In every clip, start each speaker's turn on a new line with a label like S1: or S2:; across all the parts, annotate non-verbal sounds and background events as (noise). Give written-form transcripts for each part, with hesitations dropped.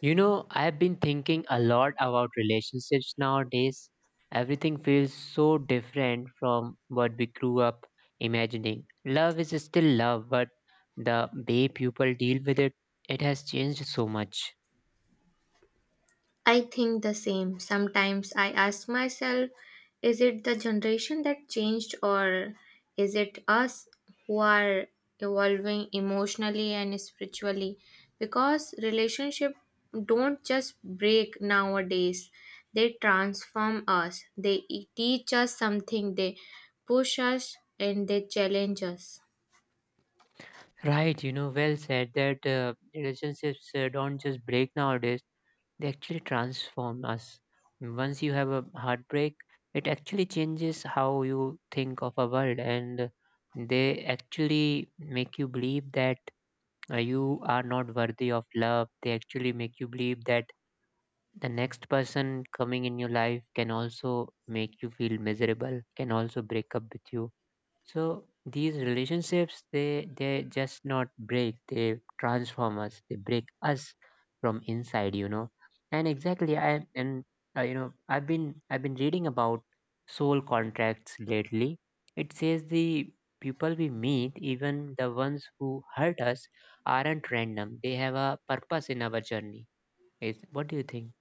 S1: I've been thinking a lot about relationships nowadays. Everything feels so different from what we grew up imagining. Love is still love, but the way people deal with it, it has changed so much.
S2: I think the same. Sometimes I ask myself, is it the generation that changed, or is it us who are evolving emotionally and spiritually? Because relationship don't just break nowadays, they transform us. They teach us something, they push us, and they challenge us.
S1: Right, well said that relationships don't just break nowadays, they actually transform us. Once you have a heartbreak, it actually changes how you think of a world, and they actually make you believe that you are not worthy of love. They actually make you believe that the next person coming in your life can also make you feel miserable, can also break up with you. So these relationships they just not break, they transform us, they break us from inside. And exactly, I and I've been reading about soul contracts lately. It says the people we meet, even the ones who hurt us, aren't random. They have a purpose in our journey. Is What do you think?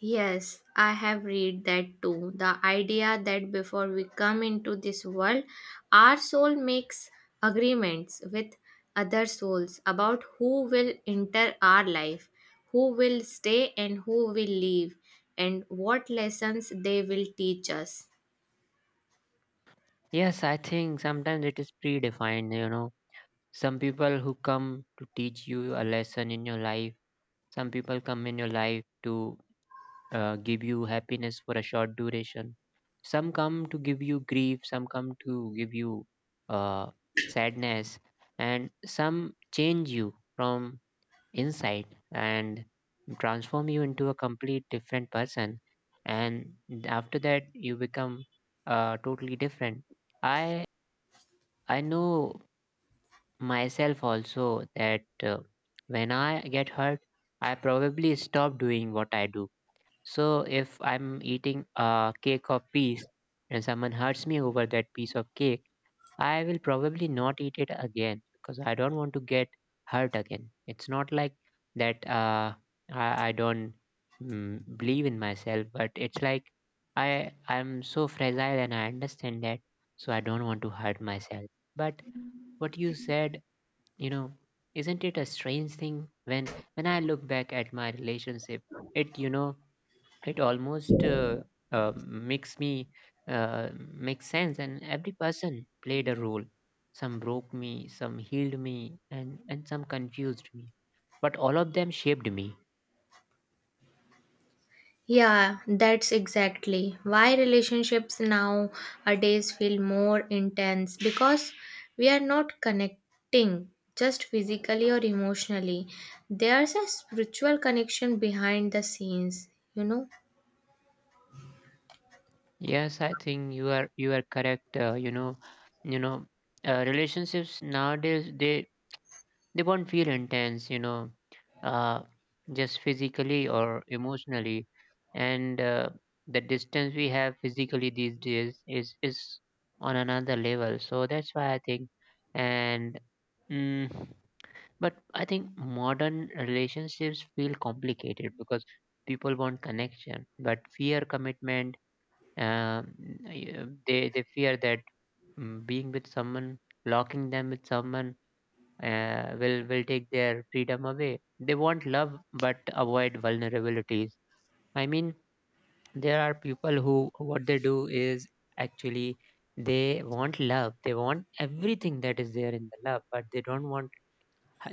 S2: Yes, I have read that too. The idea that before we come into this world, our soul makes agreements with other souls about who will enter our life, who will stay and who will leave, and what lessons they will teach us.
S1: Yes, I think sometimes it is predefined. Some people who come to teach you a lesson in your life. Some people come in your life to give you happiness for a short duration. Some come to give you grief. Some come to give you uh, sadness. And some change you from inside and transform you into a complete different person. And after that, you become totally different. I I know myself also that when I get hurt, I probably stop doing what I do. So if I'm eating a cake of peace and someone hurts me over that piece of cake, I will probably not eat it again because I don't want to get hurt again. It's not like that I don't believe in myself, but it's like I'm so fragile and I understand that, so I don't want to hurt myself. But what you said, you know, isn't it a strange thing when I look back at my relationship, it you know it almost makes me make sense, and every person played a role. Some broke me, some healed me, and some confused me, but all of them shaped me.
S2: Yeah, that's exactly why relationships nowadays feel more intense because we are not connecting just physically or emotionally. There's a spiritual connection behind the scenes.
S1: Yes, I think you are correct, you know relationships nowadays, they won't feel intense, uh, just physically or emotionally. And the distance we have physically these days is on another level, so that's why I think. And mm, but I think modern relationships feel complicated because people want connection but fear commitment. Um, y- they they fear that being with someone, locking them with someone, will take their freedom away. They want love but avoid vulnerabilities. I mean, there are people who, what they do is, actually they want love. They want everything that is there in the love, but they don't want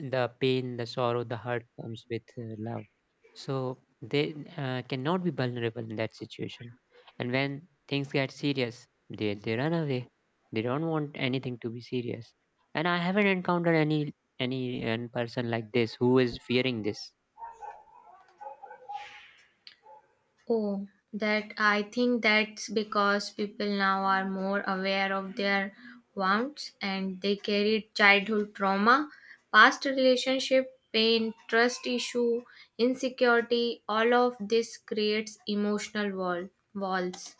S1: the pain, the sorrow, the hurt comes with love. So they cannot be vulnerable in that situation. And when things get serious, they run away. They don't want anything to be serious. And I haven't encountered any person like this who is fearing this.
S2: Oh, that I think that's because people now are more aware of their wants and they carry childhood trauma, past relationship, pain, trust issue, insecurity, all of this creates emotional walls.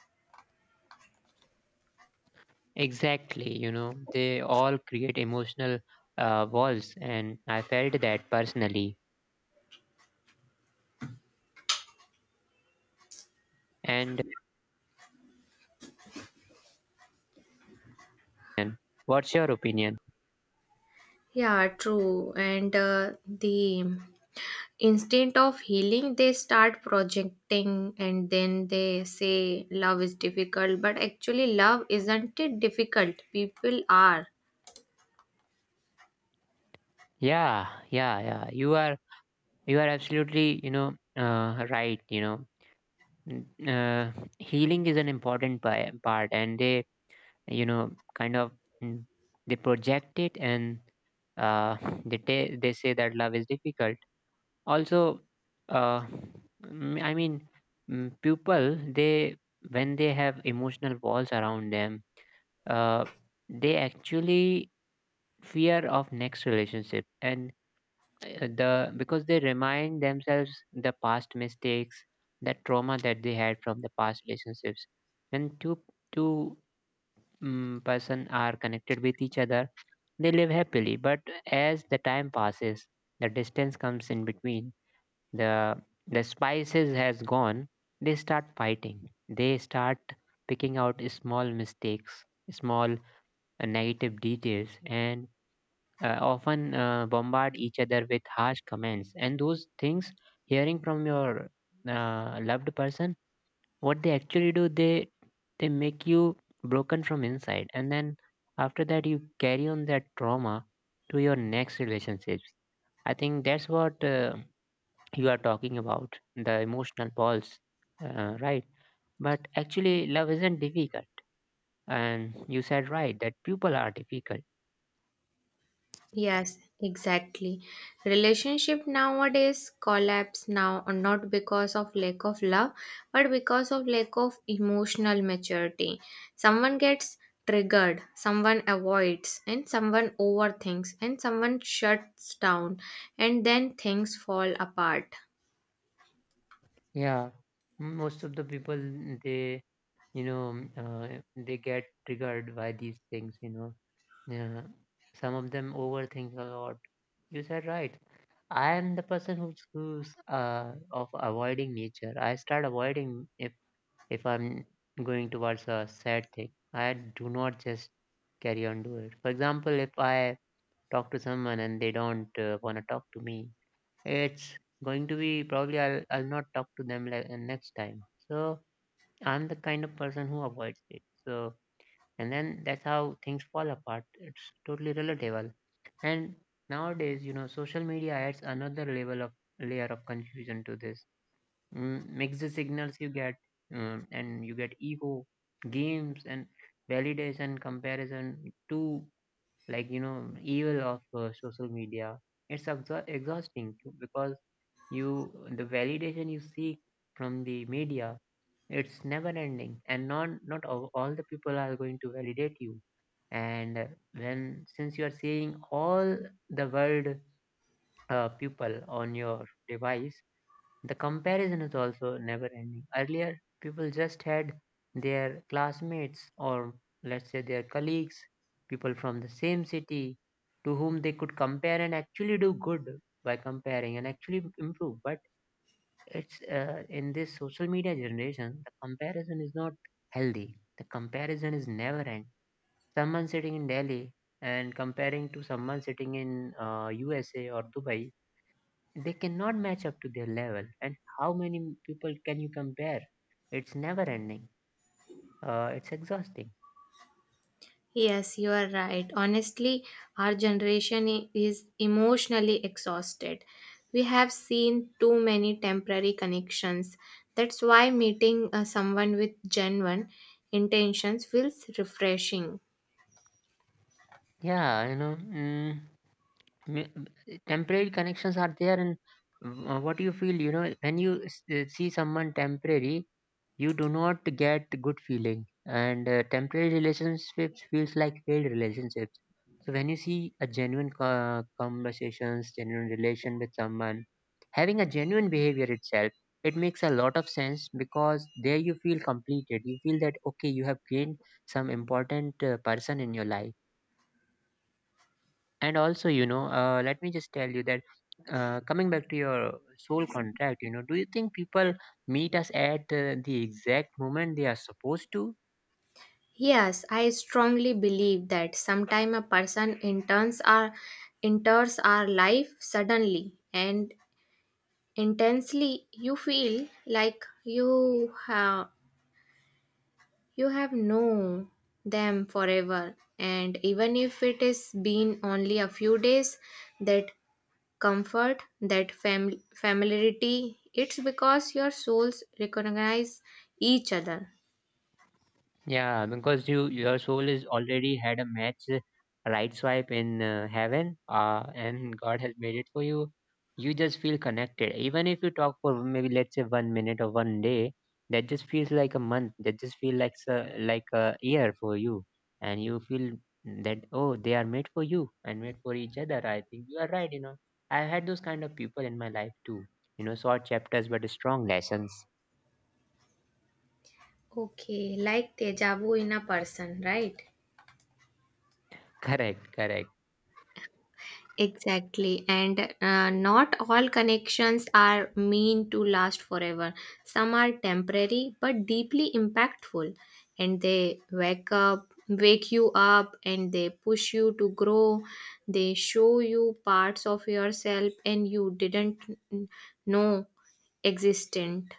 S1: Exactly, they all create emotional walls, and I felt that personally. And uh, what's your opinion?
S2: Yeah, true. And the instinct of healing, they start projecting and then they say love is difficult, but actually, love isn't it difficult? People are.
S1: Yeah, yeah, yeah. You are absolutely, right. N- uh, healing is an important part, and they, kind of, mm, they project it, and uh, (laughs) they say that love is difficult. Also, uh, I mean, people, they when they have emotional walls around them, uh, they actually fear of next relationship, and the because they remind themselves the past mistakes, that trauma that they had from the past relationships. When two person are connected with each other, they live happily, but as the time passes, the distance comes in between, the the spices has gone, they start fighting, they start picking out small mistakes, small negative details, and often bombard each other with harsh comments, and those things, hearing from your loved person, what they actually do, they make you broken from inside, and then after that you carry on that trauma to your next relationships. I think that's what you are talking about, the emotional balls, right? But actually love isn't difficult, and you said right that people are difficult.
S2: Yes, exactly. Relationship nowadays collapse now not because of lack of love but because of lack of emotional maturity. Someone gets triggered, someone avoids and someone overthinks and someone shuts down and then things fall apart.
S1: Yeah, most of the people, they you know they get triggered by these things, yeah. Some of them overthink a lot. You said right. I am the person who's of avoiding nature. I start avoiding. If I'm going towards a sad thing, I do not just carry on do it. For example, if I talk to someone and they don't want to talk to me, it's going to be probably, I'll not talk to them, like, next time. So I'm the kind of person who avoids it. So, and then that's how things fall apart. It's totally relatable. And nowadays, social media adds another level of layer of confusion to this. Mix the signals you get, and you get ego games and validation comparison to, like, evil of social media. It's exhausting, because you, the validation you seek from the media, it's never ending, and not all the people are going to validate you. And when, since you are seeing all the world, people on your device, the comparison is also never ending. Earlier people just had their classmates, or let's say their colleagues, people from the same city, to whom they could compare and actually do good by comparing and actually improve. But it's in this social media generation, the comparison is not healthy, the comparison is never end. Someone sitting in Delhi and comparing to someone sitting in USA or Dubai, they cannot match up to their level. And how many people can you compare? It's never ending, it's exhausting.
S2: Yes, you are right. Honestly, our generation is emotionally exhausted. We have seen too many temporary connections. That's why meeting someone with genuine intentions feels refreshing.
S1: Yeah, mi- temporary connections are there, and what you feel, when you see someone temporary, you do not get good feeling. And temporary relationships feels like failed relationships. So when you see a genuine conversations, genuine relation with someone, having a genuine behavior itself, it makes a lot of sense, because there you feel completed, you feel that okay, you have gained some important person in your life. And also, let me just tell you that, coming back to your soul contract, do you think people meet us at the exact moment they are supposed to?
S2: Yes, I strongly believe that sometime a person enters our life suddenly and intensely. You feel like you have known them forever, and even if it has been only a few days, that comfort, that familiarity, it's because your souls recognize each other.
S1: Yeah, because your soul is already had a match, right swipe in heaven, and God has made it for you. You just feel connected, even if you talk for maybe let's say one minute or one day. That just feels like a month. That just feel like a year for you, and you feel that, oh, they are made for you and made for each other. I think you are right. I had those kind of people in my life too. Short chapters but strong lessons.
S2: Okay, like deja vu in a person, right?
S1: (laughs) Correct, correct.
S2: Exactly, and not all connections are mean to last forever. Some are temporary but deeply impactful, and they wake you up, and they push you to grow. They show you parts of yourself and you didn't know existent.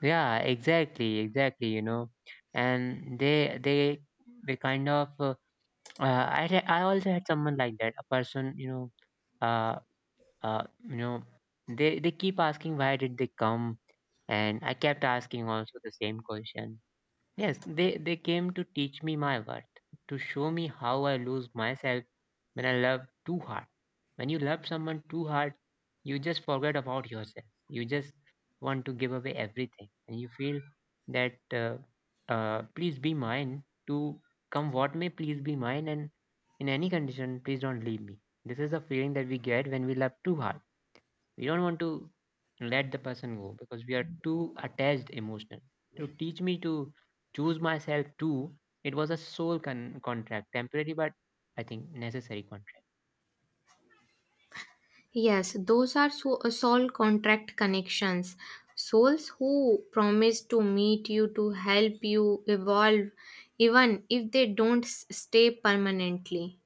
S1: Yeah, exactly, exactly. And they kind of, uh, I also had someone like that, a person, uh uh you know, they keep asking, why did they come? And I kept asking also the same question. Yes, they came to teach me my worth, to show me how I lose myself when I love too hard. When you love someone too hard, you just forget about yourself. You just want to give away everything. And you feel that, please be mine, to come what may, please be mine. And in any condition, please don't leave me. This is the feeling that we get when we love too hard. We don't want to let the person go because we are too attached emotionally. To teach me to choose myself too. It was a soul contract, temporary, but I think necessary contract.
S2: Yes, those are soul contract connections. Souls who promise to meet you, to help you evolve, even if they don't stay permanently.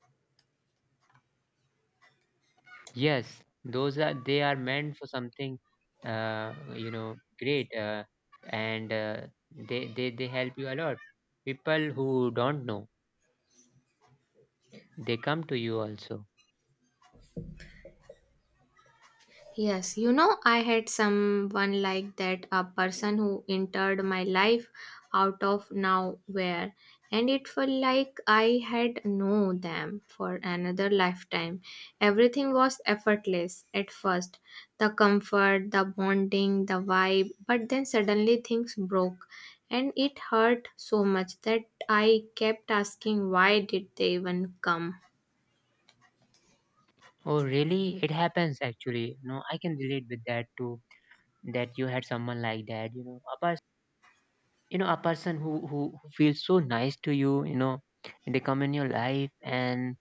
S1: Yes, those are, they are meant for something you know great, and they help you a lot. People who don't know, they come to you also.
S2: Yes, I had someone like that, a person who entered my life out of nowhere, and it felt like I had known them for another lifetime. Everything was effortless at first, the comfort, the bonding, the vibe, but then suddenly things broke, and it hurt so much that I kept asking, why did they even come?
S1: Oh really? It happens actually. No, I can relate with that too. That you had someone like that, you know, a person, you know, a person who feels so nice to you, you know. They come in your life and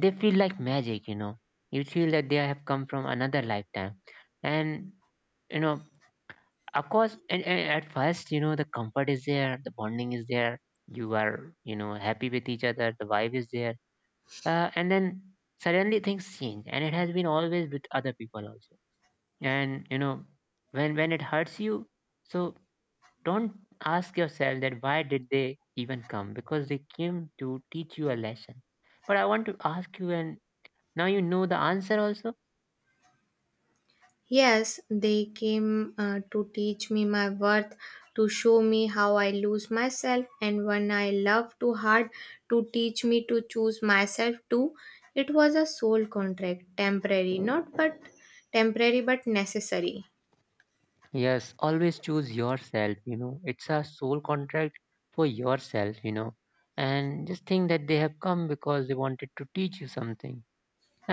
S1: they feel like magic, you know. You feel that they have come from another lifetime. And you know, of course, and at first, you know, the comfort is there, the bonding is there, you are, you know, happy with each other, the vibe is there. And then suddenly things change, and it has been always with other people also. And you know, when it hurts you, so don't ask yourself that why did they even come, because they came to teach you a lesson. But I want to ask you, and now you know the answer also.
S2: Yes, they came to teach me my worth, to show me how I lose myself, and when I love too hard, to teach me to choose myself too. It was a soul contract, temporary, not but temporary but necessary.
S1: Yes, always choose yourself, you know. It's a soul contract for yourself, you know. And just think that they have come because they wanted to teach you something.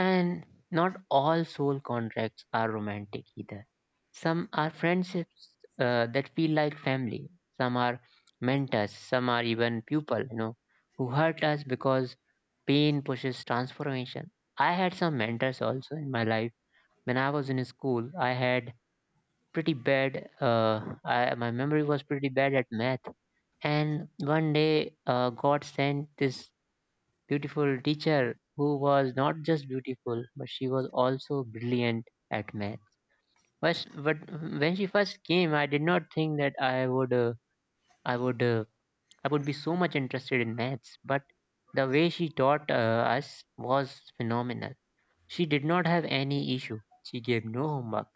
S1: And not all soul contracts are romantic either. Some are friendships that feel like family. Some are mentors. Some are even people, you know, who hurt us because pain pushes transformation. I had some mentors also in my life. When I was in school, I had pretty bad, my memory was pretty bad at math. And one day, God sent this beautiful teacher who was not just beautiful, but she was also brilliant at math. But when she first came, I did not think that I would uh, I would be so much interested in maths. But the way she taught us was phenomenal. She did not have any issue. She gave no homework.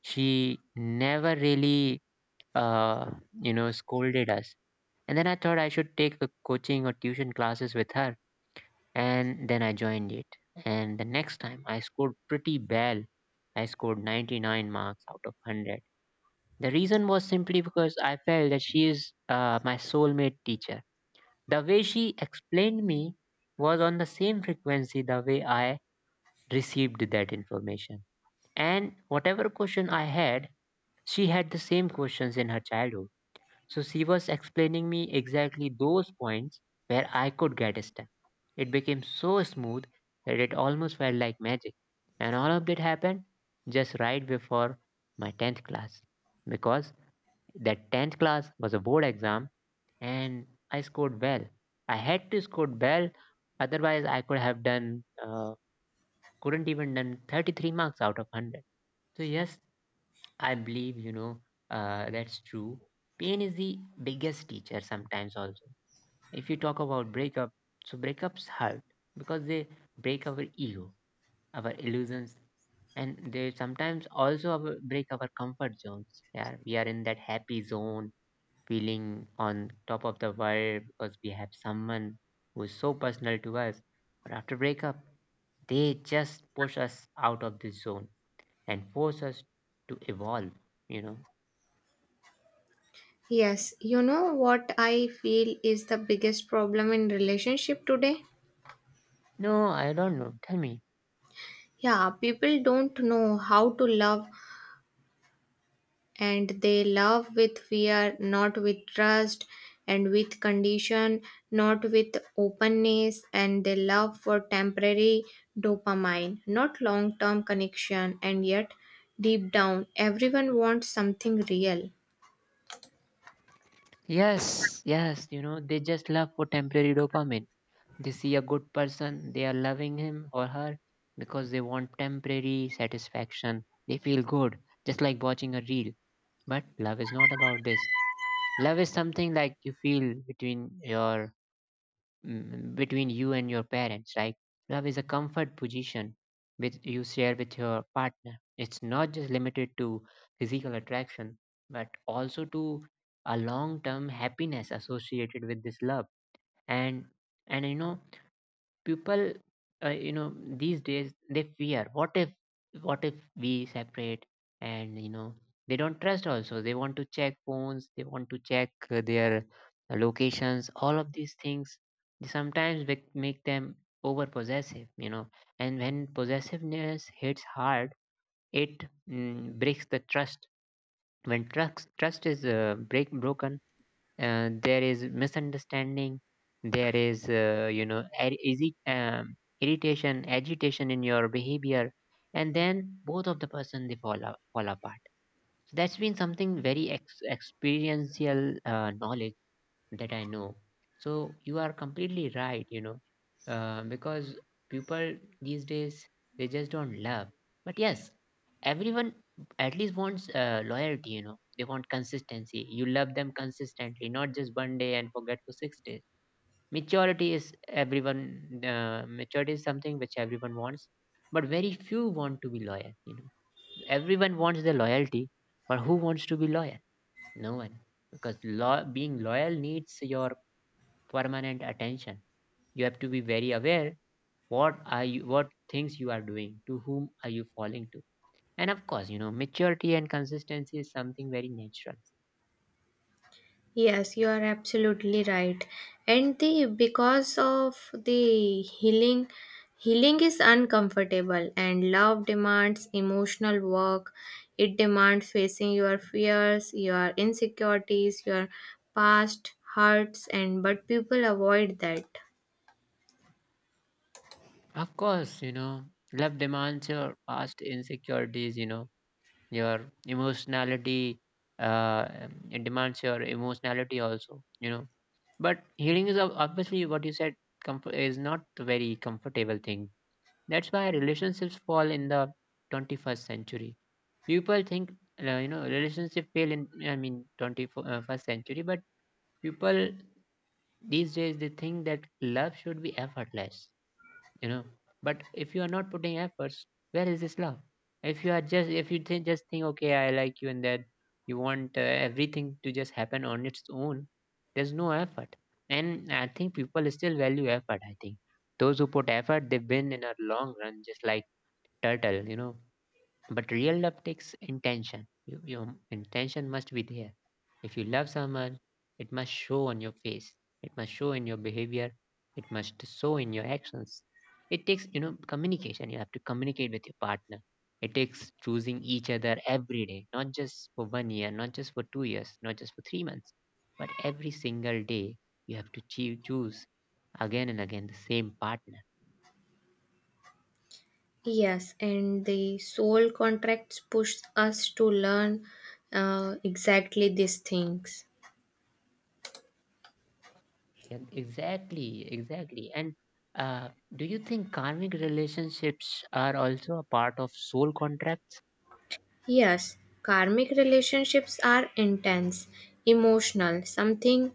S1: She never really uh, you know scolded us. And then I thought I should take a coaching or tuition classes with her, and then I joined it. And the next time I scored pretty well. I scored 99 marks out of 100. The reason was simply because I felt that she is my soulmate teacher. The way she explained me was on the same frequency the way I received that information. And whatever question I had, she had the same questions in her childhood. So she was explaining me exactly those points where I could get stuck. It became so smooth that it almost felt like magic. And all of that happened just right before my 10th class. Because that 10th class was a board exam, and I scored well. I had to score well, otherwise I could have done, couldn't even done 33 marks out of 100. So yes, I believe, you know, that's true. Pain is the biggest teacher sometimes, also. If you talk about breakup, so breakups hurt because they break our ego, our illusions, and they sometimes break our comfort zones. Yeah, we are in that happy zone, feeling on top of the world because we have someone who is so personal to us. But after breakup, they just push us out of this zone and force us to evolve, you know.
S2: Yes, you know what I feel is the biggest problem in relationship today?
S1: No, I don't know. Tell me.
S2: Yeah, people don't know how to love, and they love with fear, not with trust, and with condition, not with openness, and they love for temporary dopamine, not long term connection, and yet deep down, everyone wants something real.
S1: Yes, yes, you know, they just love for temporary dopamine. They see a good person, they are loving him or her because they want temporary satisfaction. They feel good, just like watching a reel. But love is not about this. Love is something like you feel between your between you and your parents. Like love is a comfort position with you share with your partner. It's not just limited to physical attraction, but also to a long-term happiness associated with this love. And and you know people you know these days they fear what if we separate, and you know they don't trust also. They want to check phones, they want to check their locations, all of these things sometimes make them over possessive, you know. And when possessiveness hits hard, it breaks the trust. When trust is break broken, there is misunderstanding. There is you know irritation, agitation in your behavior. And then both of the person they fall apart. So that's been something very experiential knowledge that I know. So you are completely right, you know, because people these days they just don't love. But yes, everyone at least wants loyalty, you know, they want consistency. You love them consistently, not just one day and forget for 6 days. Maturity is something which everyone wants, but very few want to be loyal, you know. Everyone wants the loyalty, but who wants to be loyal? No one, because being loyal needs your permanent attention. You have to be very aware what things you are doing, to whom are you falling to, and of course, you know, maturity and consistency is something very natural.
S2: Yes, you are absolutely right. And the because of the healing, healing is uncomfortable, and love demands emotional work. It demands facing your fears, your insecurities, your past hurts, and but people avoid that.
S1: Of course, you know, love demands your past insecurities. You know, your emotionality. It demands your emotionality also. You know, but healing is obviously what you said. Comfort is not a very comfortable thing. That's why relationships fall in the 21st century. People think you know relationship fail in, I mean, 21st century, but people these days they think that love should be effortless. You know, but if you are not putting efforts, where is this love? If you are just if you think just think okay I like you and that you want everything to just happen on its own, there's no effort. And I think people still value effort. I think those who put effort they win in a long run, just like turtle, you know. But real love takes intention. You, your intention must be there. If you love someone, it must show on your face. It must show in your behavior. It must show in your actions. It takes, you know, communication. You have to communicate with your partner. It takes choosing each other every day, not just for 1 year, not just for 2 years, not just for 3 months, but every single day you have to choose again and again the same partner.
S2: Yes, and the soul contracts push us to learn exactly these things.
S1: Yeah, exactly, exactly. And uh, do you think karmic relationships are also a part of soul contracts?
S2: Yes, karmic relationships are intense, emotional, something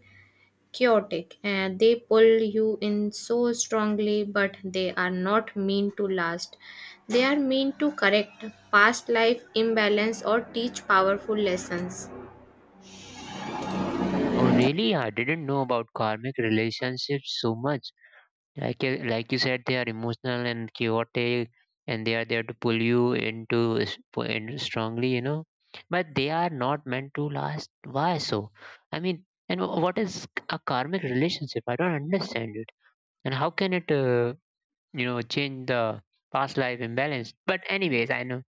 S2: chaotic, and they pull you in so strongly, but they are not mean to last. They are mean to correct past life imbalance or teach powerful lessons.
S1: Oh, really? I didn't know about karmic relationships so much. Like you said, they are emotional and chaotic, and they are there to pull you in strongly, you know. But they are not meant to last. Why so? I mean, and what is a karmic relationship? I don't understand it. And how can it? You know, change the past life imbalance. But anyways, I know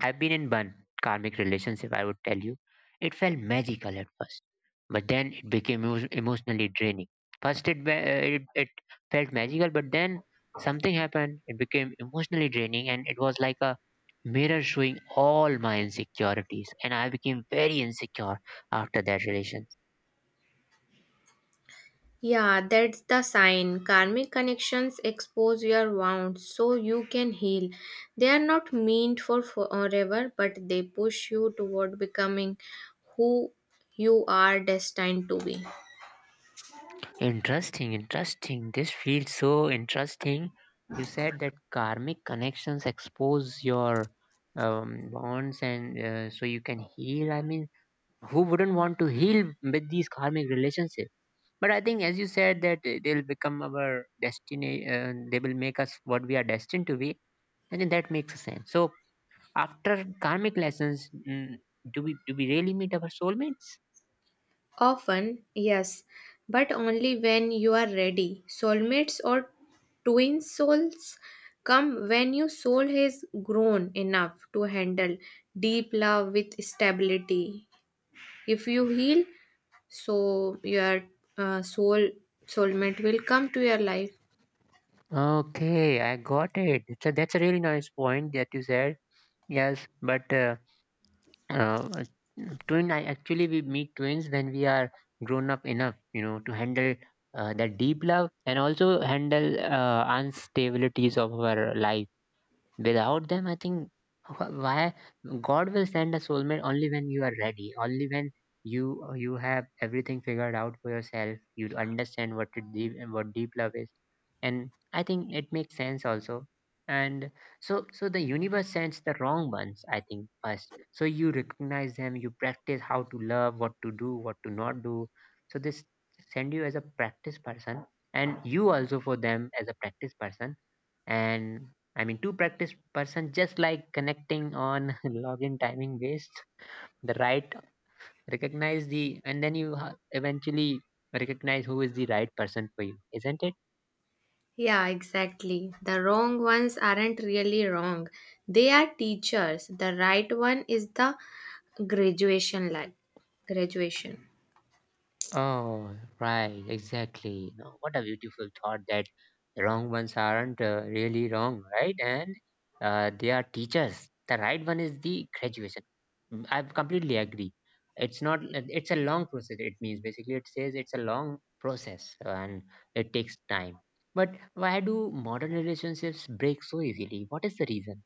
S1: I've been in one karmic relationship, I would tell you. It felt magical at first, but then it became emotionally draining. First, it felt magical, but then something happened. It became emotionally draining, and it was like a mirror showing all my insecurities. And I became very insecure after that relationship.
S2: Yeah, that's the sign. Karmic connections expose your wounds so you can heal. They are not meant for forever, but they push you toward becoming who you are destined to be.
S1: Interesting, interesting. This feels so interesting. You said that karmic connections expose your bonds and so you can heal. I mean, who wouldn't want to heal with these karmic relationships? But I think, as you said, that they'll become our destiny, they will make us what we are destined to be. I think that makes sense. So, after karmic lessons, do we really meet our soulmates?
S2: Often, yes, but only when you are ready. Soulmates or twin souls come when your soul has grown enough to handle deep love with stability. If you heal, so your uh, soul soulmate will come to your life.
S1: Okay, I got it. So that's a really nice point that you said. Yes, but uh, twin. I actually We meet twins when we are grown up enough, you know, to handle that deep love and also handle instabilities of our life. Without them, I think why God will send a soulmate only when you are ready, only when you have everything figured out for yourself. You understand what deep love is, and I think it makes sense also. And so the universe sends the wrong ones, I think, first, so you recognize them, you practice how to love, what to do, what to not do. So this send you as a practice person, and you also for them as a practice person, and I mean, two practice person just like connecting on (laughs) login timing based the right recognize the and then you eventually recognize who is the right person for you, isn't it?
S2: Yeah, exactly, the wrong ones aren't really wrong, they are teachers. The right one is the graduation. Life graduation.
S1: Oh, right, exactly. No, what a beautiful thought that the wrong ones aren't really wrong, right? And they are teachers. The right one is the graduation. Mm, I completely agree. It's not. It's a long process. It means basically it says it's a long process and it takes time. But why do modern relationships break so easily? What is the reason?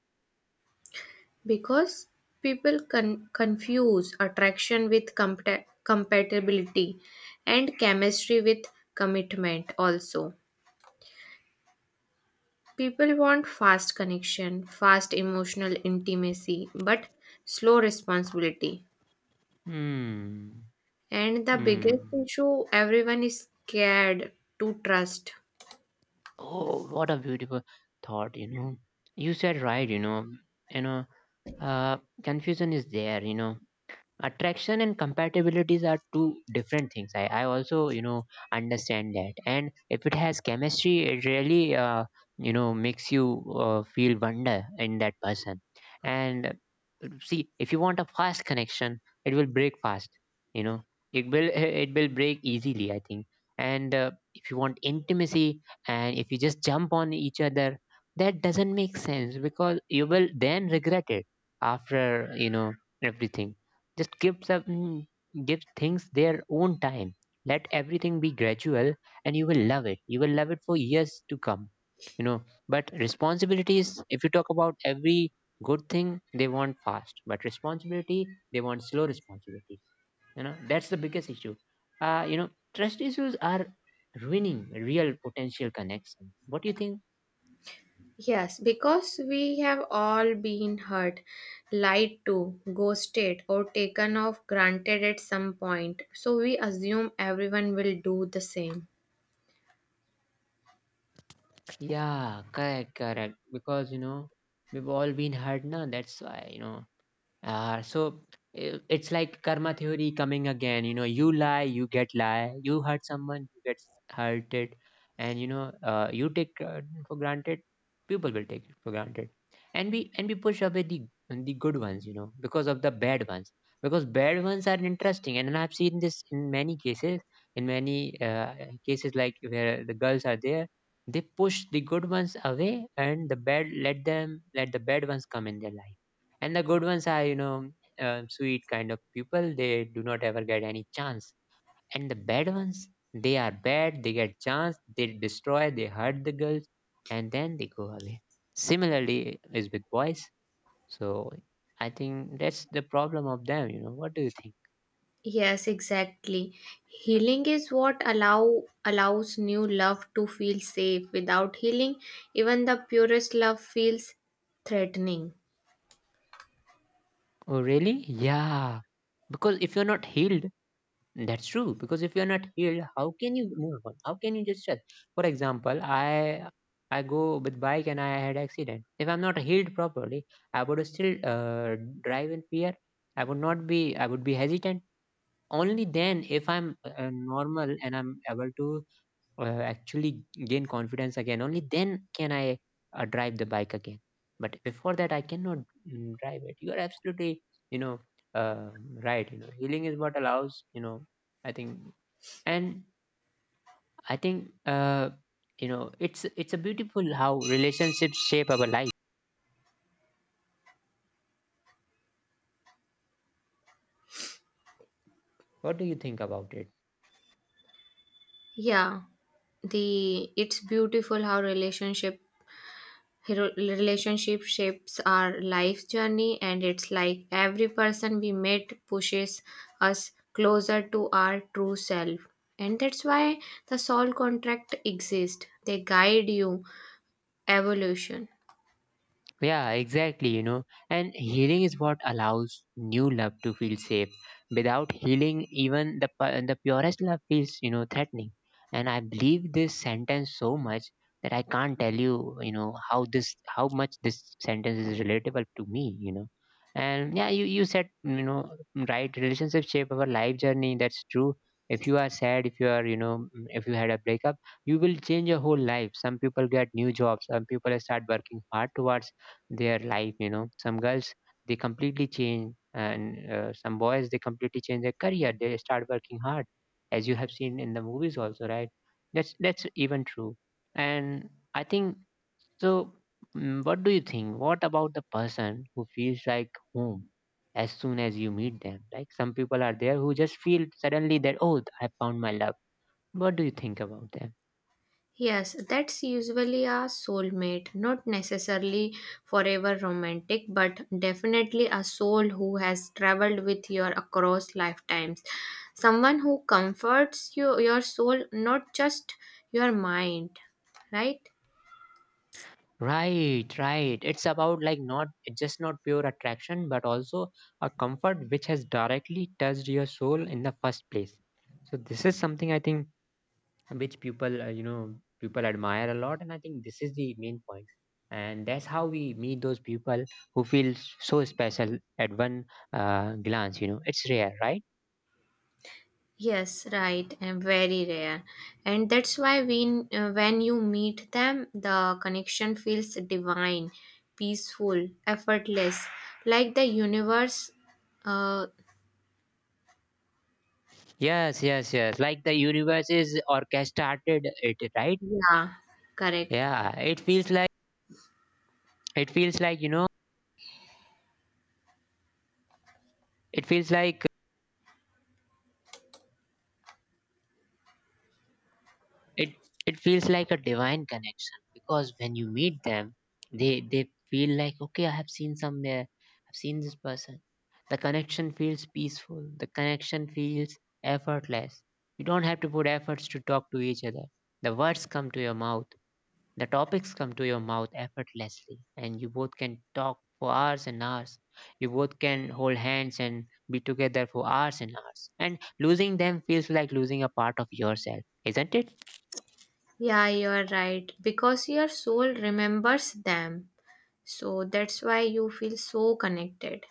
S2: Because people confuse attraction with compatibility, and chemistry with commitment also. People want fast connection, fast emotional intimacy, but slow responsibility.
S1: Hmm.
S2: And the biggest
S1: Hmm.
S2: issue, everyone is scared to trust.
S1: Oh, what a beautiful thought. You know, you said right. You know, you know. uh, Confusion is there. Attraction and compatibilities are two different things. I also understand that. And if it has chemistry, it really makes you feel wonder in that person. And see, if you want a fast connection, it will break fast, you know it will (laughs) it will break easily, I think. And if you want intimacy, and if you just jump on each other, that doesn't make sense because you will then regret it after you know everything. Just give things their own time. Let everything be gradual and you will love it. You will love it for years to come. You know, but responsibilities, if you talk about every good thing, they want fast. But responsibility, they want slow responsibility. That's the biggest issue. Trust issues are ruining real potential connection. What do you think?
S2: Yes, because we have all been hurt, lied to, ghosted, or taken off granted at some point. So we assume everyone will do the same.
S1: Yeah, correct, correct. Because we've all been hurt now, that's why. So it's like karma theory coming again. You lie, you get lie. You hurt someone, you get hurted, and you take for granted. People will take it for granted, and we push away the good ones. Because of the bad ones. Because bad ones are interesting, and I've seen this in many cases. In many cases, like where the girls are there, they push the good ones away, and the bad let them let the bad ones come in their life. And the good ones are sweet kind of people. They do not ever get any chance. And the bad ones, they are bad, they get chance, they destroy, they hurt the girls, and then they go away. Similarly is with boys. So I think that's the problem of them. What do you think?
S2: Yes, exactly. Healing is what allows new love to feel safe. Without healing, even the purest love feels threatening.
S1: Oh, really? Yeah. because if you're not healed That's true, because if you're not healed, how can you move on? How can you just rest? For example, I go with bike and I had accident. If I'm not healed properly, I would still drive in fear. I would not be. I would be hesitant. Only then, if I'm normal and I'm able to actually gain confidence again, only then can I drive the bike again. But before that, I cannot drive it. You are absolutely you know uh, right. Healing is what allows. I think. And i think uh, you know it's a beautiful how relationships shape our life. What do you think about it?
S2: Yeah, the it's beautiful how relationship shapes our life journey, and it's like every person we meet pushes us closer to our true self, and that's why the soul contract exists, they guide you evolution.
S1: Yeah, exactly, And healing is what allows new love to feel safe. Without healing, even the purest love feels, threatening. And I believe this sentence so much that I can't tell you, how much this sentence is relatable to me. And yeah, you said, right, relationship shape our life journey. That's true. If you are sad, if you are, you know, if you had a breakup, you will change your whole life. Some people get new jobs. Some people start working hard towards their life. Some girls, they completely change, and some boys, they completely change their career, they start working hard, as you have seen in the movies also, right? That's even true. And I think so. What do you think What about the person who feels like home as soon as you meet them? Like some people are there who just feel suddenly that, oh, I found my love. What do you think about them?
S2: Yes, that's usually a soulmate, not necessarily forever romantic, but definitely a soul who has traveled with you across lifetimes. Someone who comforts you, your soul, not just your mind, right?
S1: Right, right. It's about, like, not just, not pure attraction, but also a comfort which has directly touched your soul in the first place. So this is something I think, which people you know people admire a lot, and I think this is the main point. And that's how we meet those people who feel so special at one glance. It's rare, right?
S2: Yes, right, and very rare. And that's why when you meet them, the connection feels divine, peaceful, effortless, like the universe uh,
S1: Yes, yes, yes. Like the universe is orchestrated it, right?
S2: Yeah, correct.
S1: Yeah, it feels like you know it feels like it it feels like a divine connection, because when you meet them, they feel like, okay, I have seen somewhere, I've seen this person. The connection feels peaceful, the connection feels effortless. You don't have to put efforts to talk to each other. The words come to your mouth, the topics come to your mouth effortlessly, and you both can talk for hours and hours. You both can hold hands and be together for hours and hours. And losing them feels like losing a part of yourself, isn't it?
S2: Yeah, you're right. Because your soul remembers them. So that's why you feel so connected.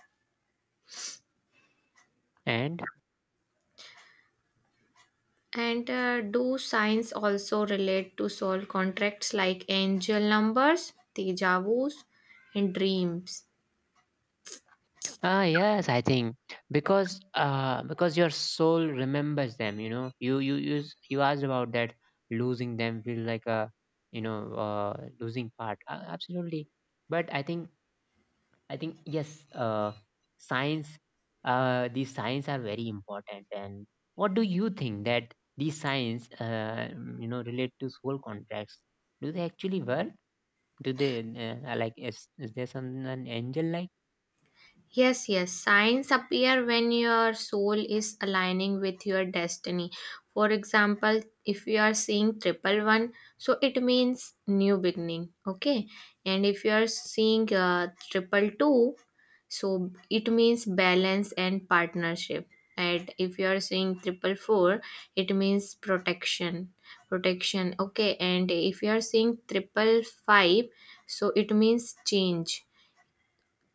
S1: And
S2: And do signs also relate to soul contracts like angel numbers, deja and dreams?
S1: ah, yes, I think because your soul remembers them. You asked about that. Losing them feel like a losing part. Absolutely, but I think, yes, uh, science. These signs are very important. And what do you think that these signs, relate to soul contracts? Do they actually work? Do they like, is there some, an angel, like?
S2: Yes, yes. Signs appear when your soul is aligning with your destiny. For example, if you are seeing 111, so it means new beginning. Okay. And if you are seeing 222, so it means balance and partnership. And if you are seeing 444, it means protection. Protection. Okay. And if you are seeing 555, so it means change.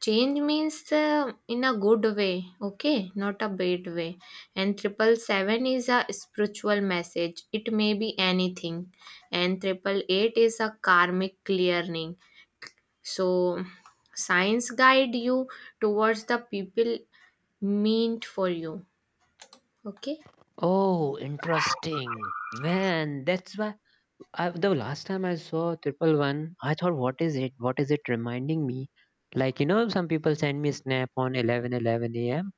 S2: Change means in a good way, okay, not a bad way. And 777 is a spiritual message. It may be anything. And 888 is a karmic clearing. So signs guide you towards the people meant for you. Okay.
S1: Oh, interesting. Man, that's why the last time I saw 111, I thought, what is it? What is it reminding me? Like, some people send me snap on 11:11 a.m.,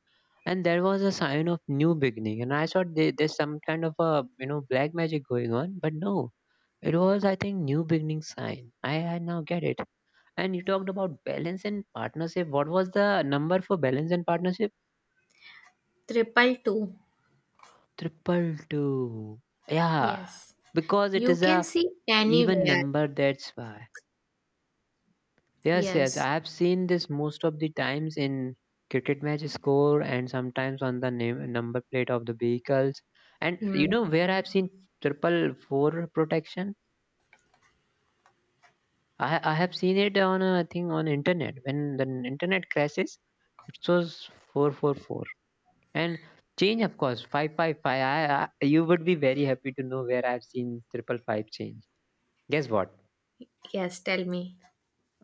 S1: and there was a sign of new beginning. And I thought there's some kind of black magic going on. But no, it was, I think, new beginning sign. I now get it. And you talked about balance and partnership. What was the number for balance and partnership?
S2: 222.
S1: 222. Yeah,
S2: Yes.
S1: because it
S2: You
S1: is
S2: can
S1: a
S2: see
S1: even
S2: anywhere.
S1: number, that's why. Yes, yes,
S2: Yes.
S1: I have seen this most of the times in cricket match score, and sometimes on the name, number plate of the vehicles. And you
S2: Hmm.
S1: know where I have seen 444 protection? I have seen it on I think, on internet when the internet crashes, it shows 444. And change, of course, 555. I you would be very happy to know where I have seen 555 change. Guess what?
S2: Yes, tell me.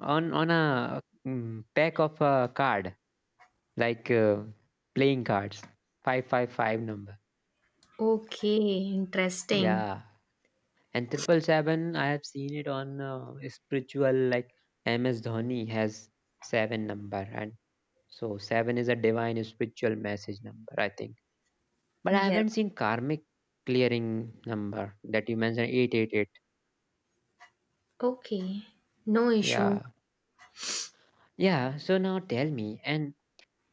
S1: On a pack of a card, like playing cards, 555 number.
S2: Okay, interesting.
S1: Yeah. And 777, I have seen it on spiritual, like MS Dhoni has seven number. And so seven is a divine spiritual message number, I think. But I
S2: Yes.
S1: haven't seen karmic clearing number that you mentioned, 888.
S2: Okay, no issue.
S1: Yeah. Yeah, so now tell me, and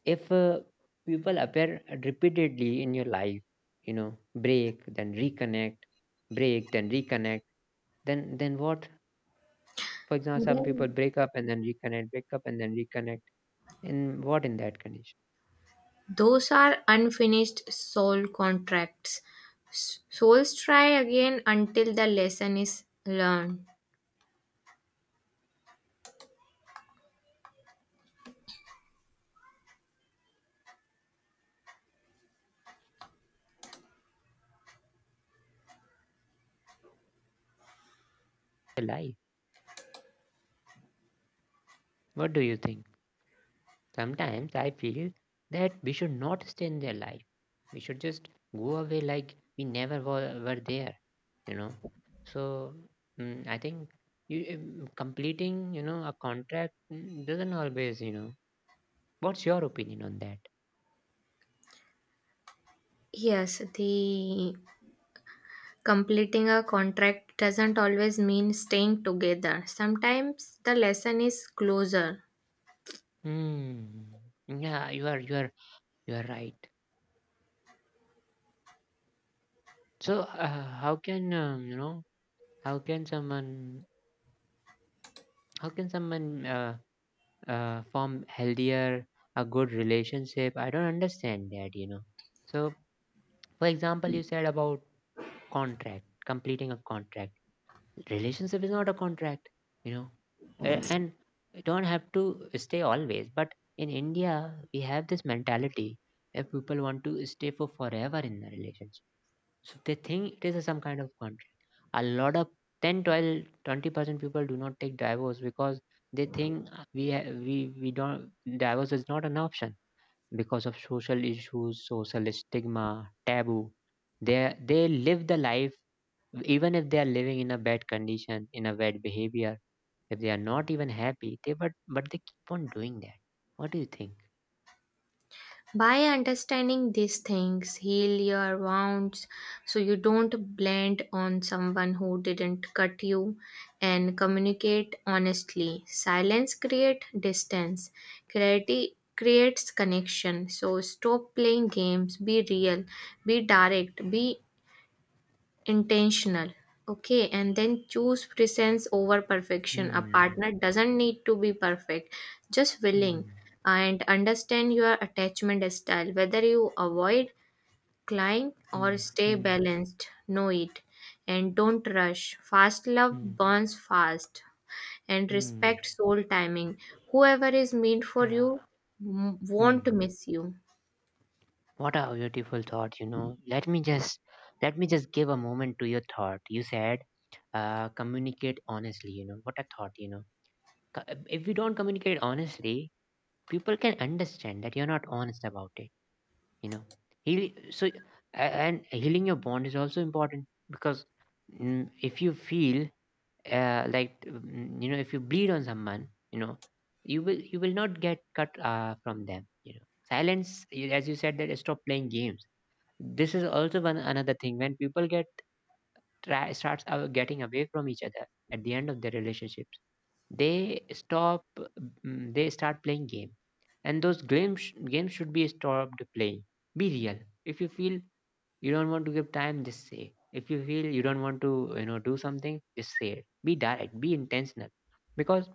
S1: if people appear repeatedly in your life, you know break then reconnect, break then reconnect. Then what? For example, some people
S2: Then
S1: break up and then reconnect, break up and then reconnect. And what in that condition?
S2: those are unfinished soul contracts. Souls try again until the lesson is learned.
S1: Their life. What do you think? Sometimes I feel that we should not stay in their life. We should just go away like we never were there, you know. So I think completing, a contract doesn't always. What's your opinion on that?
S2: Yes, the completing a contract doesn't always mean staying together. Sometimes the lesson is closer.
S1: Hmm. Yeah, you are right. So how can How can someone how can someone form healthier a good relationship? I don't understand that. So, for example, you said about contract, completing a contract. Relationship is not a contract, you know. And you don't have to stay always, but in India, we have this mentality that people want to stay for forever in a relationship. So they think it is some kind of contract. A lot of 10, 12, 20% people do not take divorce because they think we ha- we don't. Divorce is not an option, because of social issues, social stigma, taboo. They live the life, even if they are living in a bad condition, in a bad behavior, if they are not even happy, they but they keep on doing that. What do you think?
S2: By understanding these things, heal your wounds so you don't blend on someone who didn't cut you, and communicate honestly. Silence creates distance, clarity creates connection. So stop playing games, be real, be direct, be intentional. Okay, and then choose presence over perfection. A
S1: Hmm.
S2: partner doesn't need to be perfect, just willing.
S1: Hmm.
S2: And understand your attachment style, whether you avoid, climb, or
S1: Hmm.
S2: stay
S1: Hmm.
S2: balanced. Know it. And don't rush, fast love
S1: Hmm.
S2: burns fast. And
S1: Hmm.
S2: respect soul timing, whoever is meant for you
S1: Yeah.
S2: won't
S1: Hmm.
S2: miss you.
S1: What a beautiful thought. Let me just give a moment to your thought. You said communicate honestly. What a thought. If you don't communicate honestly, people can understand that you're not honest about it, you know. Heal, so and healing your bond is also important, because if you feel like if you bleed on someone, you will not get cut from them. Silence, as you said, that stop playing games, this is also one another thing. When people get starts getting away from each other at the end of their relationships. They stop. They start playing game, and those games should be stopped playing. Be real. If you feel you don't want to give time, just say. If you feel you don't want to, do something, just say it. Be direct. Be intentional, because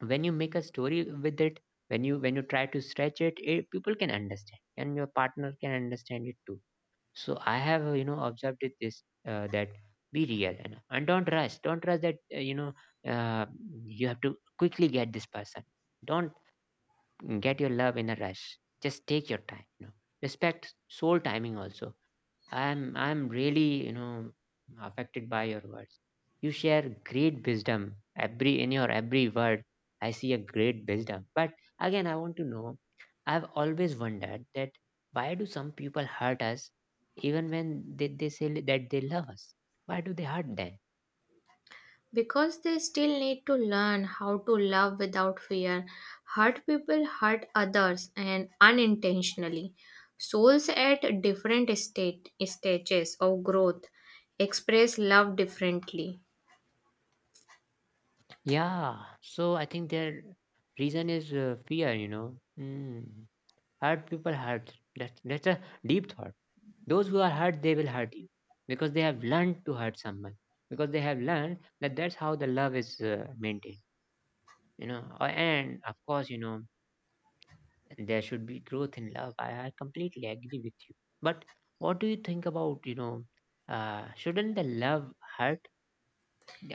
S1: when you make a story with it, when you try to stretch it people can understand, and your partner can understand it too. So I have observed it this that be real and don't rush. Don't rush that uh, you have to quickly get this person. Don't get your love in a rush. Just take your time. You know, respect soul timing also. I'm really affected by your words. You share great wisdom every in your every word. I see a great wisdom. But again, I want to know. I've always wondered that why do some people hurt us even when they say that they love us? Why do they hurt then?
S2: Because they still need to learn how to love without fear. Hurt people hurt others and unintentionally. Souls at different stages of growth express love differently.
S1: Yeah. So I think their reason is fear. You know. Mm. Hurt people hurt. That's a deep thought. Those who are hurt, they will hurt you because they have learned to hurt someone because they have learned that that's how the love is maintained. You know. And of course, there should be growth in love. I completely agree with you. But what do you think about? Shouldn't the love hurt?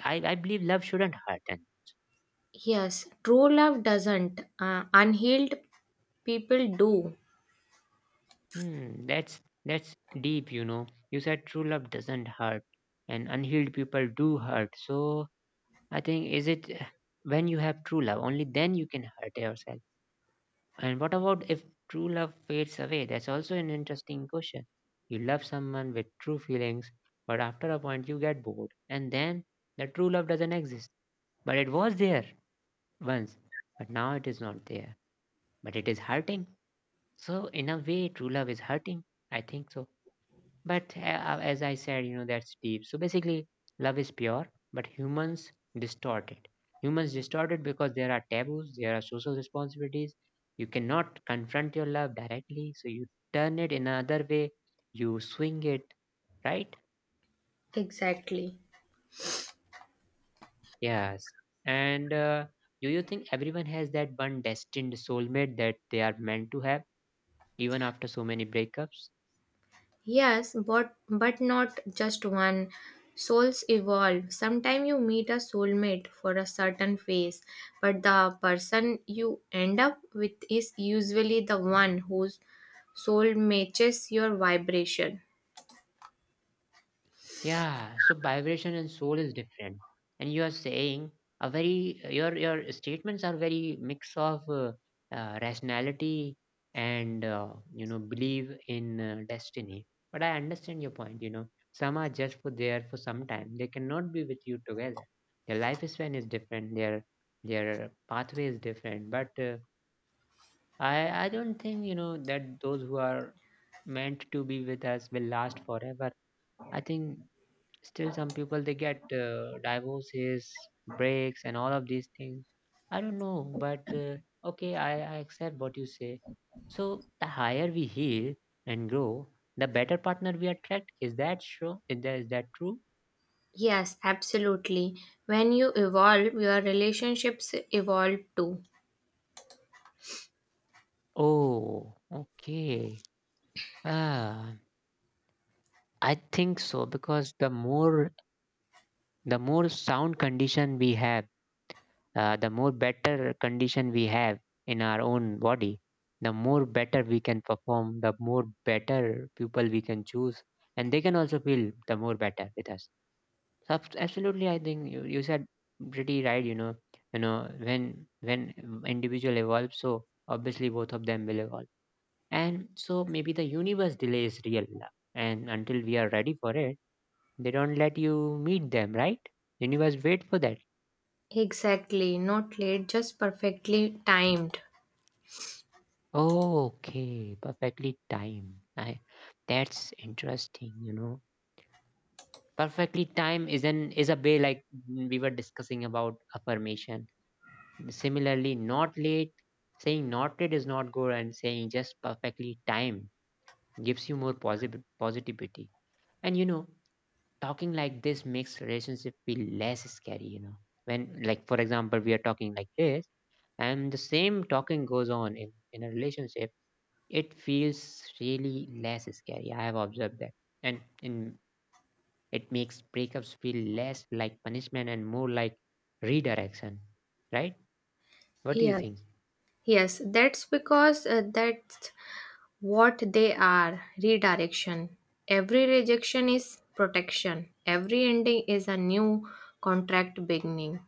S1: I believe love shouldn't hurt. And
S2: Yes, true love doesn't. Unhealed people do.
S1: hmm, that's that's deep. You know, you said true love doesn't hurt, and unhealed people do hurt. So I think, is it when you have true love, only then you can hurt yourself? And what about if true love fades away? That's also an interesting question. You love someone with true feelings, but after a point you get bored, and then the true love doesn't exist. But it was there once, but now it is not there. But it is hurting. So in a way, true love is hurting. I think so. But as I said, that's deep. So basically, love is pure, but humans distort it. Humans distort it because there are taboos, there are social responsibilities. You cannot confront your love directly, so you turn it in another way, you swing it, right?
S2: Exactly.
S1: Yes. And do you think everyone has that one destined soulmate that they are meant to have, even after so many breakups?
S2: Yes, but not just one. Souls evolve. Sometimes you meet a soulmate for a certain phase, but the person you end up with is usually the one whose soul matches your vibration.
S1: Yeah, so vibration and soul is different. And you are saying, a very your statements are very mix of rationality and believe in destiny. But I understand your point. You know, some are just for there for some time. They cannot be with you together. Their lifespan is different. Their pathway is different. But I don't think that those who are meant to be with us will last forever. I think. Still, some people they get divorces, breaks, and all of these things. I don't know, but okay, I accept what you say. So the higher we heal and grow, the better partner we attract. Is that true? Is that true?
S2: Yes, absolutely. When you evolve, your relationships evolve too.
S1: Oh, okay. Ah, I think so, because the more sound condition we have, the more better condition we have in our own body, the more better we can perform, the more better people we can choose, and they can also feel the more better with us. So absolutely, I think you said pretty right. You know, when individual evolves, so obviously both of them will evolve, and so maybe the universe delays real love, and until we are ready for it, they don't let you meet them, right? Universe wait for that.
S2: Exactly, not late, just perfectly timed.
S1: Okay, perfectly timed. I That's interesting, you know. Perfectly time is an is a way, like we were discussing about affirmation. Similarly, not late, saying not late is not good, and saying just perfectly time gives you more positive positivity. And you know, talking like this makes relationship feel less scary. When, like, for example, we are talking like this and the same talking goes on in a relationship, it feels really less scary. I have observed that. And it makes breakups feel less like punishment and more like redirection, right? What do you
S2: Yes,
S1: think?
S2: yes, that's what they are, redirection. Every rejection is protection. Every ending is a new contract beginning.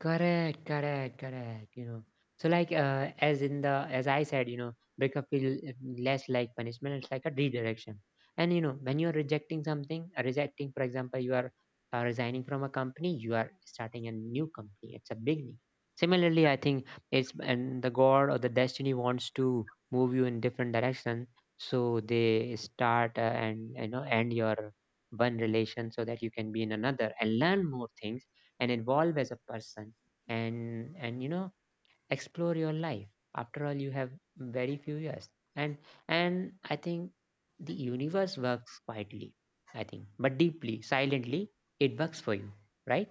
S1: Correct, correct, correct. You know, so like as in the as I said, breakup feel less like punishment. It's like a redirection. And you know, when you are rejecting something, rejecting, for example, you are resigning from a company, you are starting a new company. It's a beginning. Similarly, I think it's and the God or the destiny wants to move you in different direction. So they start and end your one relation so that you can be in another and learn more things and evolve as a person and explore your life. After all, you have very few years, and and I think the universe works quietly. I think, but deeply, silently, it works for you, right?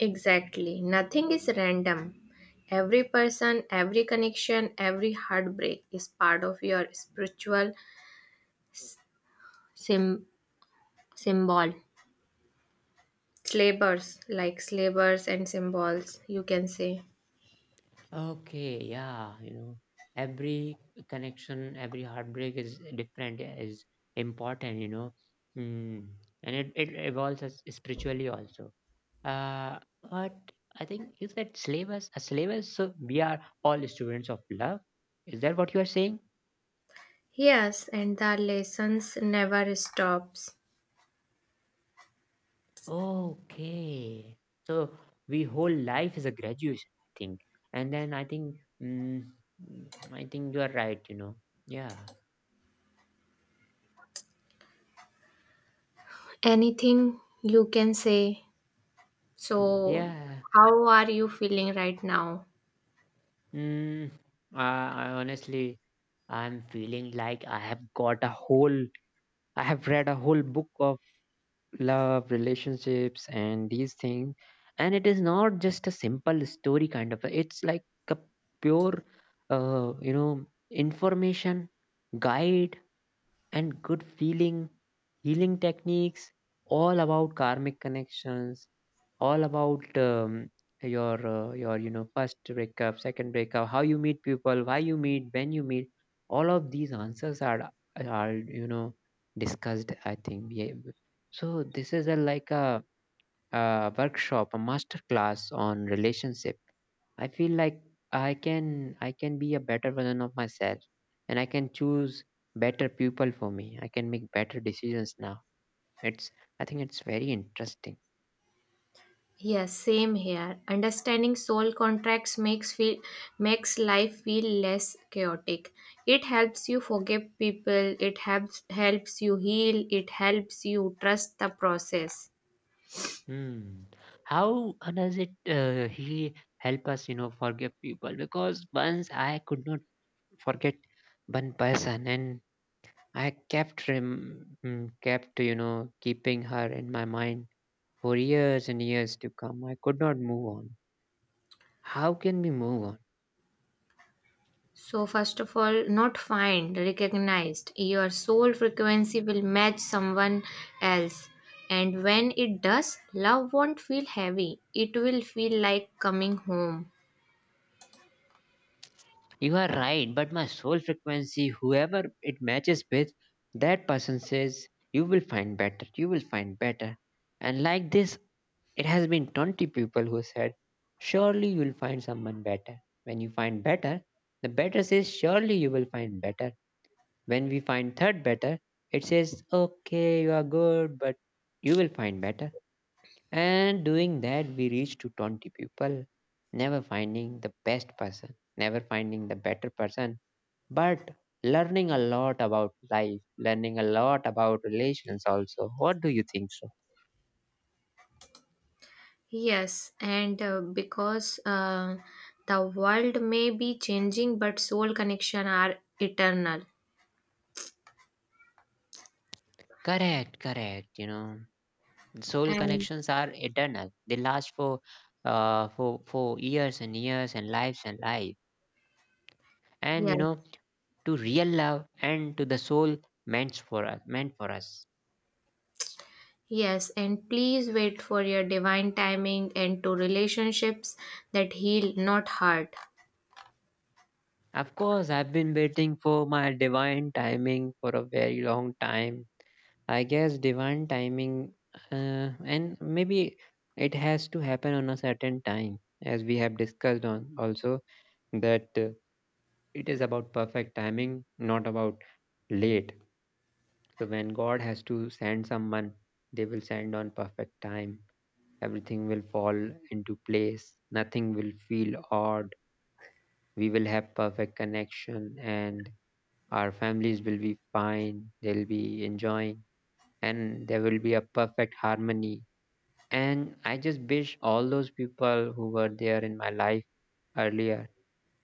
S2: Exactly. Nothing is random. Every person, every connection, every heartbreak is part of your spiritual sim- symbol. Slavers, like slavers and symbols, you can say.
S1: Okay, yeah, you know, every connection, every heartbreak is different is important mm. And it evolves us spiritually also. Uh, but I think you said slavers. A slavers, so we are all students of love. Is that what you are saying?
S2: Yes, and the lessons never stops.
S1: Okay. So we whole life is a graduation, I think. And then I think, mm, mm, I think you are right. You know. Yeah.
S2: Anything you can say. So,
S1: Yeah.
S2: how are you feeling right now?
S1: Mm, I honestly, I'm feeling like I have got a whole. I have read a whole book of love, relationships, and these things. And it is not just a simple story kind of. It's like a pure, you know, information, guide, and good feeling, healing techniques, all about karmic connections, all about your your first breakup, second breakup, how you meet people, why you meet, when you meet. All of these answers are are you know discussed, I think. Yeah. So this is a like a workshop, a master class on relationship. I feel like I can be a better version of myself, and I can choose better people for me. I can make better decisions now. It's, I think it's very interesting.
S2: Yes, same here. Understanding soul contracts makes life feel less chaotic. It helps you forgive people, it helps you heal, it helps you trust the process.
S1: Hmm. How does it he help us, forgive people? Because once I could not forget one person, and I kept keeping her in my mind for years and years to come. I could not move on. How can we move on?
S2: So first of all, not find, recognized. Your soul frequency will match someone else. And when it does, love won't feel heavy. It will feel like coming home.
S1: You are right, but my soul frequency, whoever it matches with, that person says, "You will find better. You will find better." And like this, it has been 20 people who said, "Surely you'll find someone better." When you find better, the better says, "Surely you will find better." When we find third better, it says, "Okay, you are good, but you will find better." And doing that, we reach to 20 people, never finding the best person, never finding the better person, but learning a lot about life, learning a lot about relations also. What do you think so?
S2: Yes, and because the world may be changing, but soul connection are eternal.
S1: Correct, correct, you know. Soul
S2: And
S1: connections are eternal. They last for years and years and lives and life. And you know,
S2: yes,
S1: to real love and to the soul meant for us, meant for us.
S2: yes, and please wait for your divine timing and to relationships that heal, not hurt.
S1: Of course, I've been waiting for my divine timing for a very long time. I guess divine timing, and maybe it has to happen on a certain time, as we have discussed on also, that it is about perfect timing, not about late. So when God has to send someone, they will send on perfect time. Everything will fall into place. Nothing will feel odd. We will have perfect connection, and our families will be fine. They'll be enjoying, and there will be a perfect harmony. And I just wish all those people who were there in my life earlier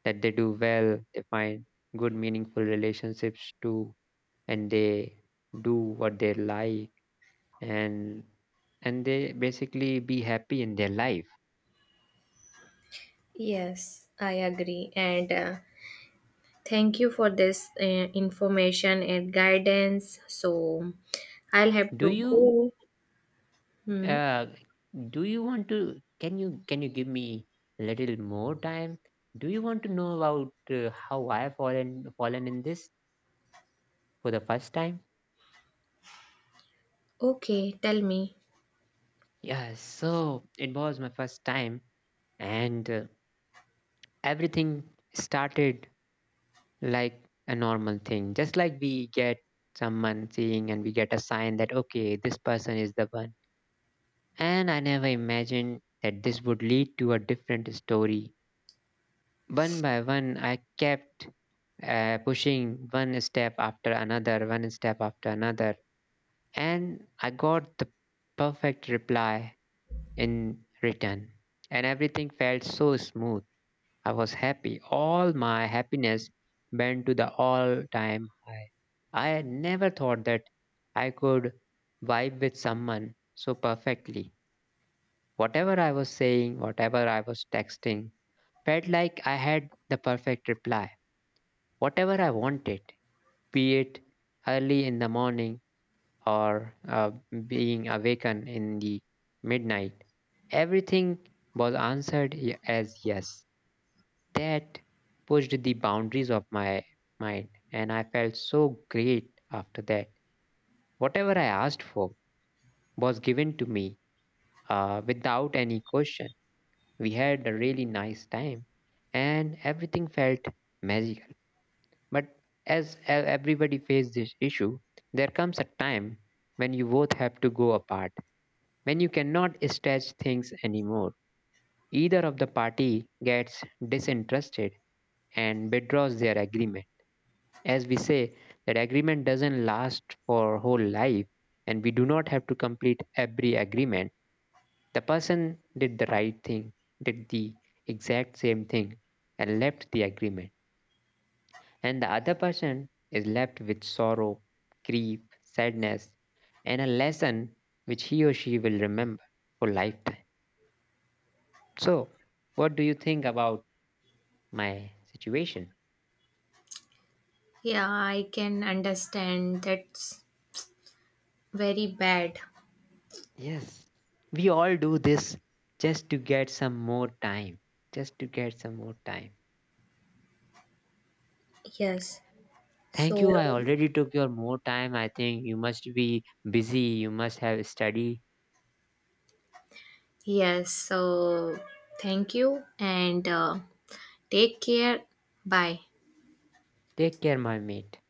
S1: that they do well, they find good meaningful relationships too, and they do what they like, and and they basically be happy in their life.
S2: Yes, I agree, and thank you for this information and guidance. So, I'll have
S1: do
S2: to
S1: you
S2: go. Hmm.
S1: uh do you want to, can you give me a little more time? Do you want to know about how I fallen in this for the first time?
S2: Okay, tell me.
S1: Yeah, so it was my first time, and everything started like a normal thing, just like we get someone seeing and we get a sign that, okay, this person is the one. And I never imagined that this would lead to a different story. One by one, I kept pushing one step after another, one step after another, and I got the perfect reply in return. And everything felt so smooth. I was happy. All my happiness went to the all time high. I had never thought that I could vibe with someone so perfectly. Whatever I was saying, whatever I was texting, felt like I had the perfect reply. Whatever I wanted, be it early in the morning or being awakened in the midnight, everything was answered as yes. That pushed the boundaries of my mind, and I felt so great after that. Whatever I asked for was given to me, without any question. We had a really nice time, and everything felt magical. But as everybody faces this issue, there comes a time when you both have to go apart, when you cannot stretch things anymore. Either of the party gets disinterested and withdraws their agreement. As we say, that agreement doesn't last for whole life, and we do not have to complete every agreement. The person did the right thing, did the exact same thing, and left the agreement. And the other person is left with sorrow, grief, sadness, and a lesson which he or she will remember for lifetime. So, what do you think about my situation?
S2: Yeah, I can understand. That's very bad.
S1: Yes, we all do this just to get some more time. Just to get some more time.
S2: Yes.
S1: Thank
S2: So,
S1: you. I already took your more time. I think you must be busy. You must have study.
S2: Yes, so thank you and take care. Bye.
S1: Take care, my mate.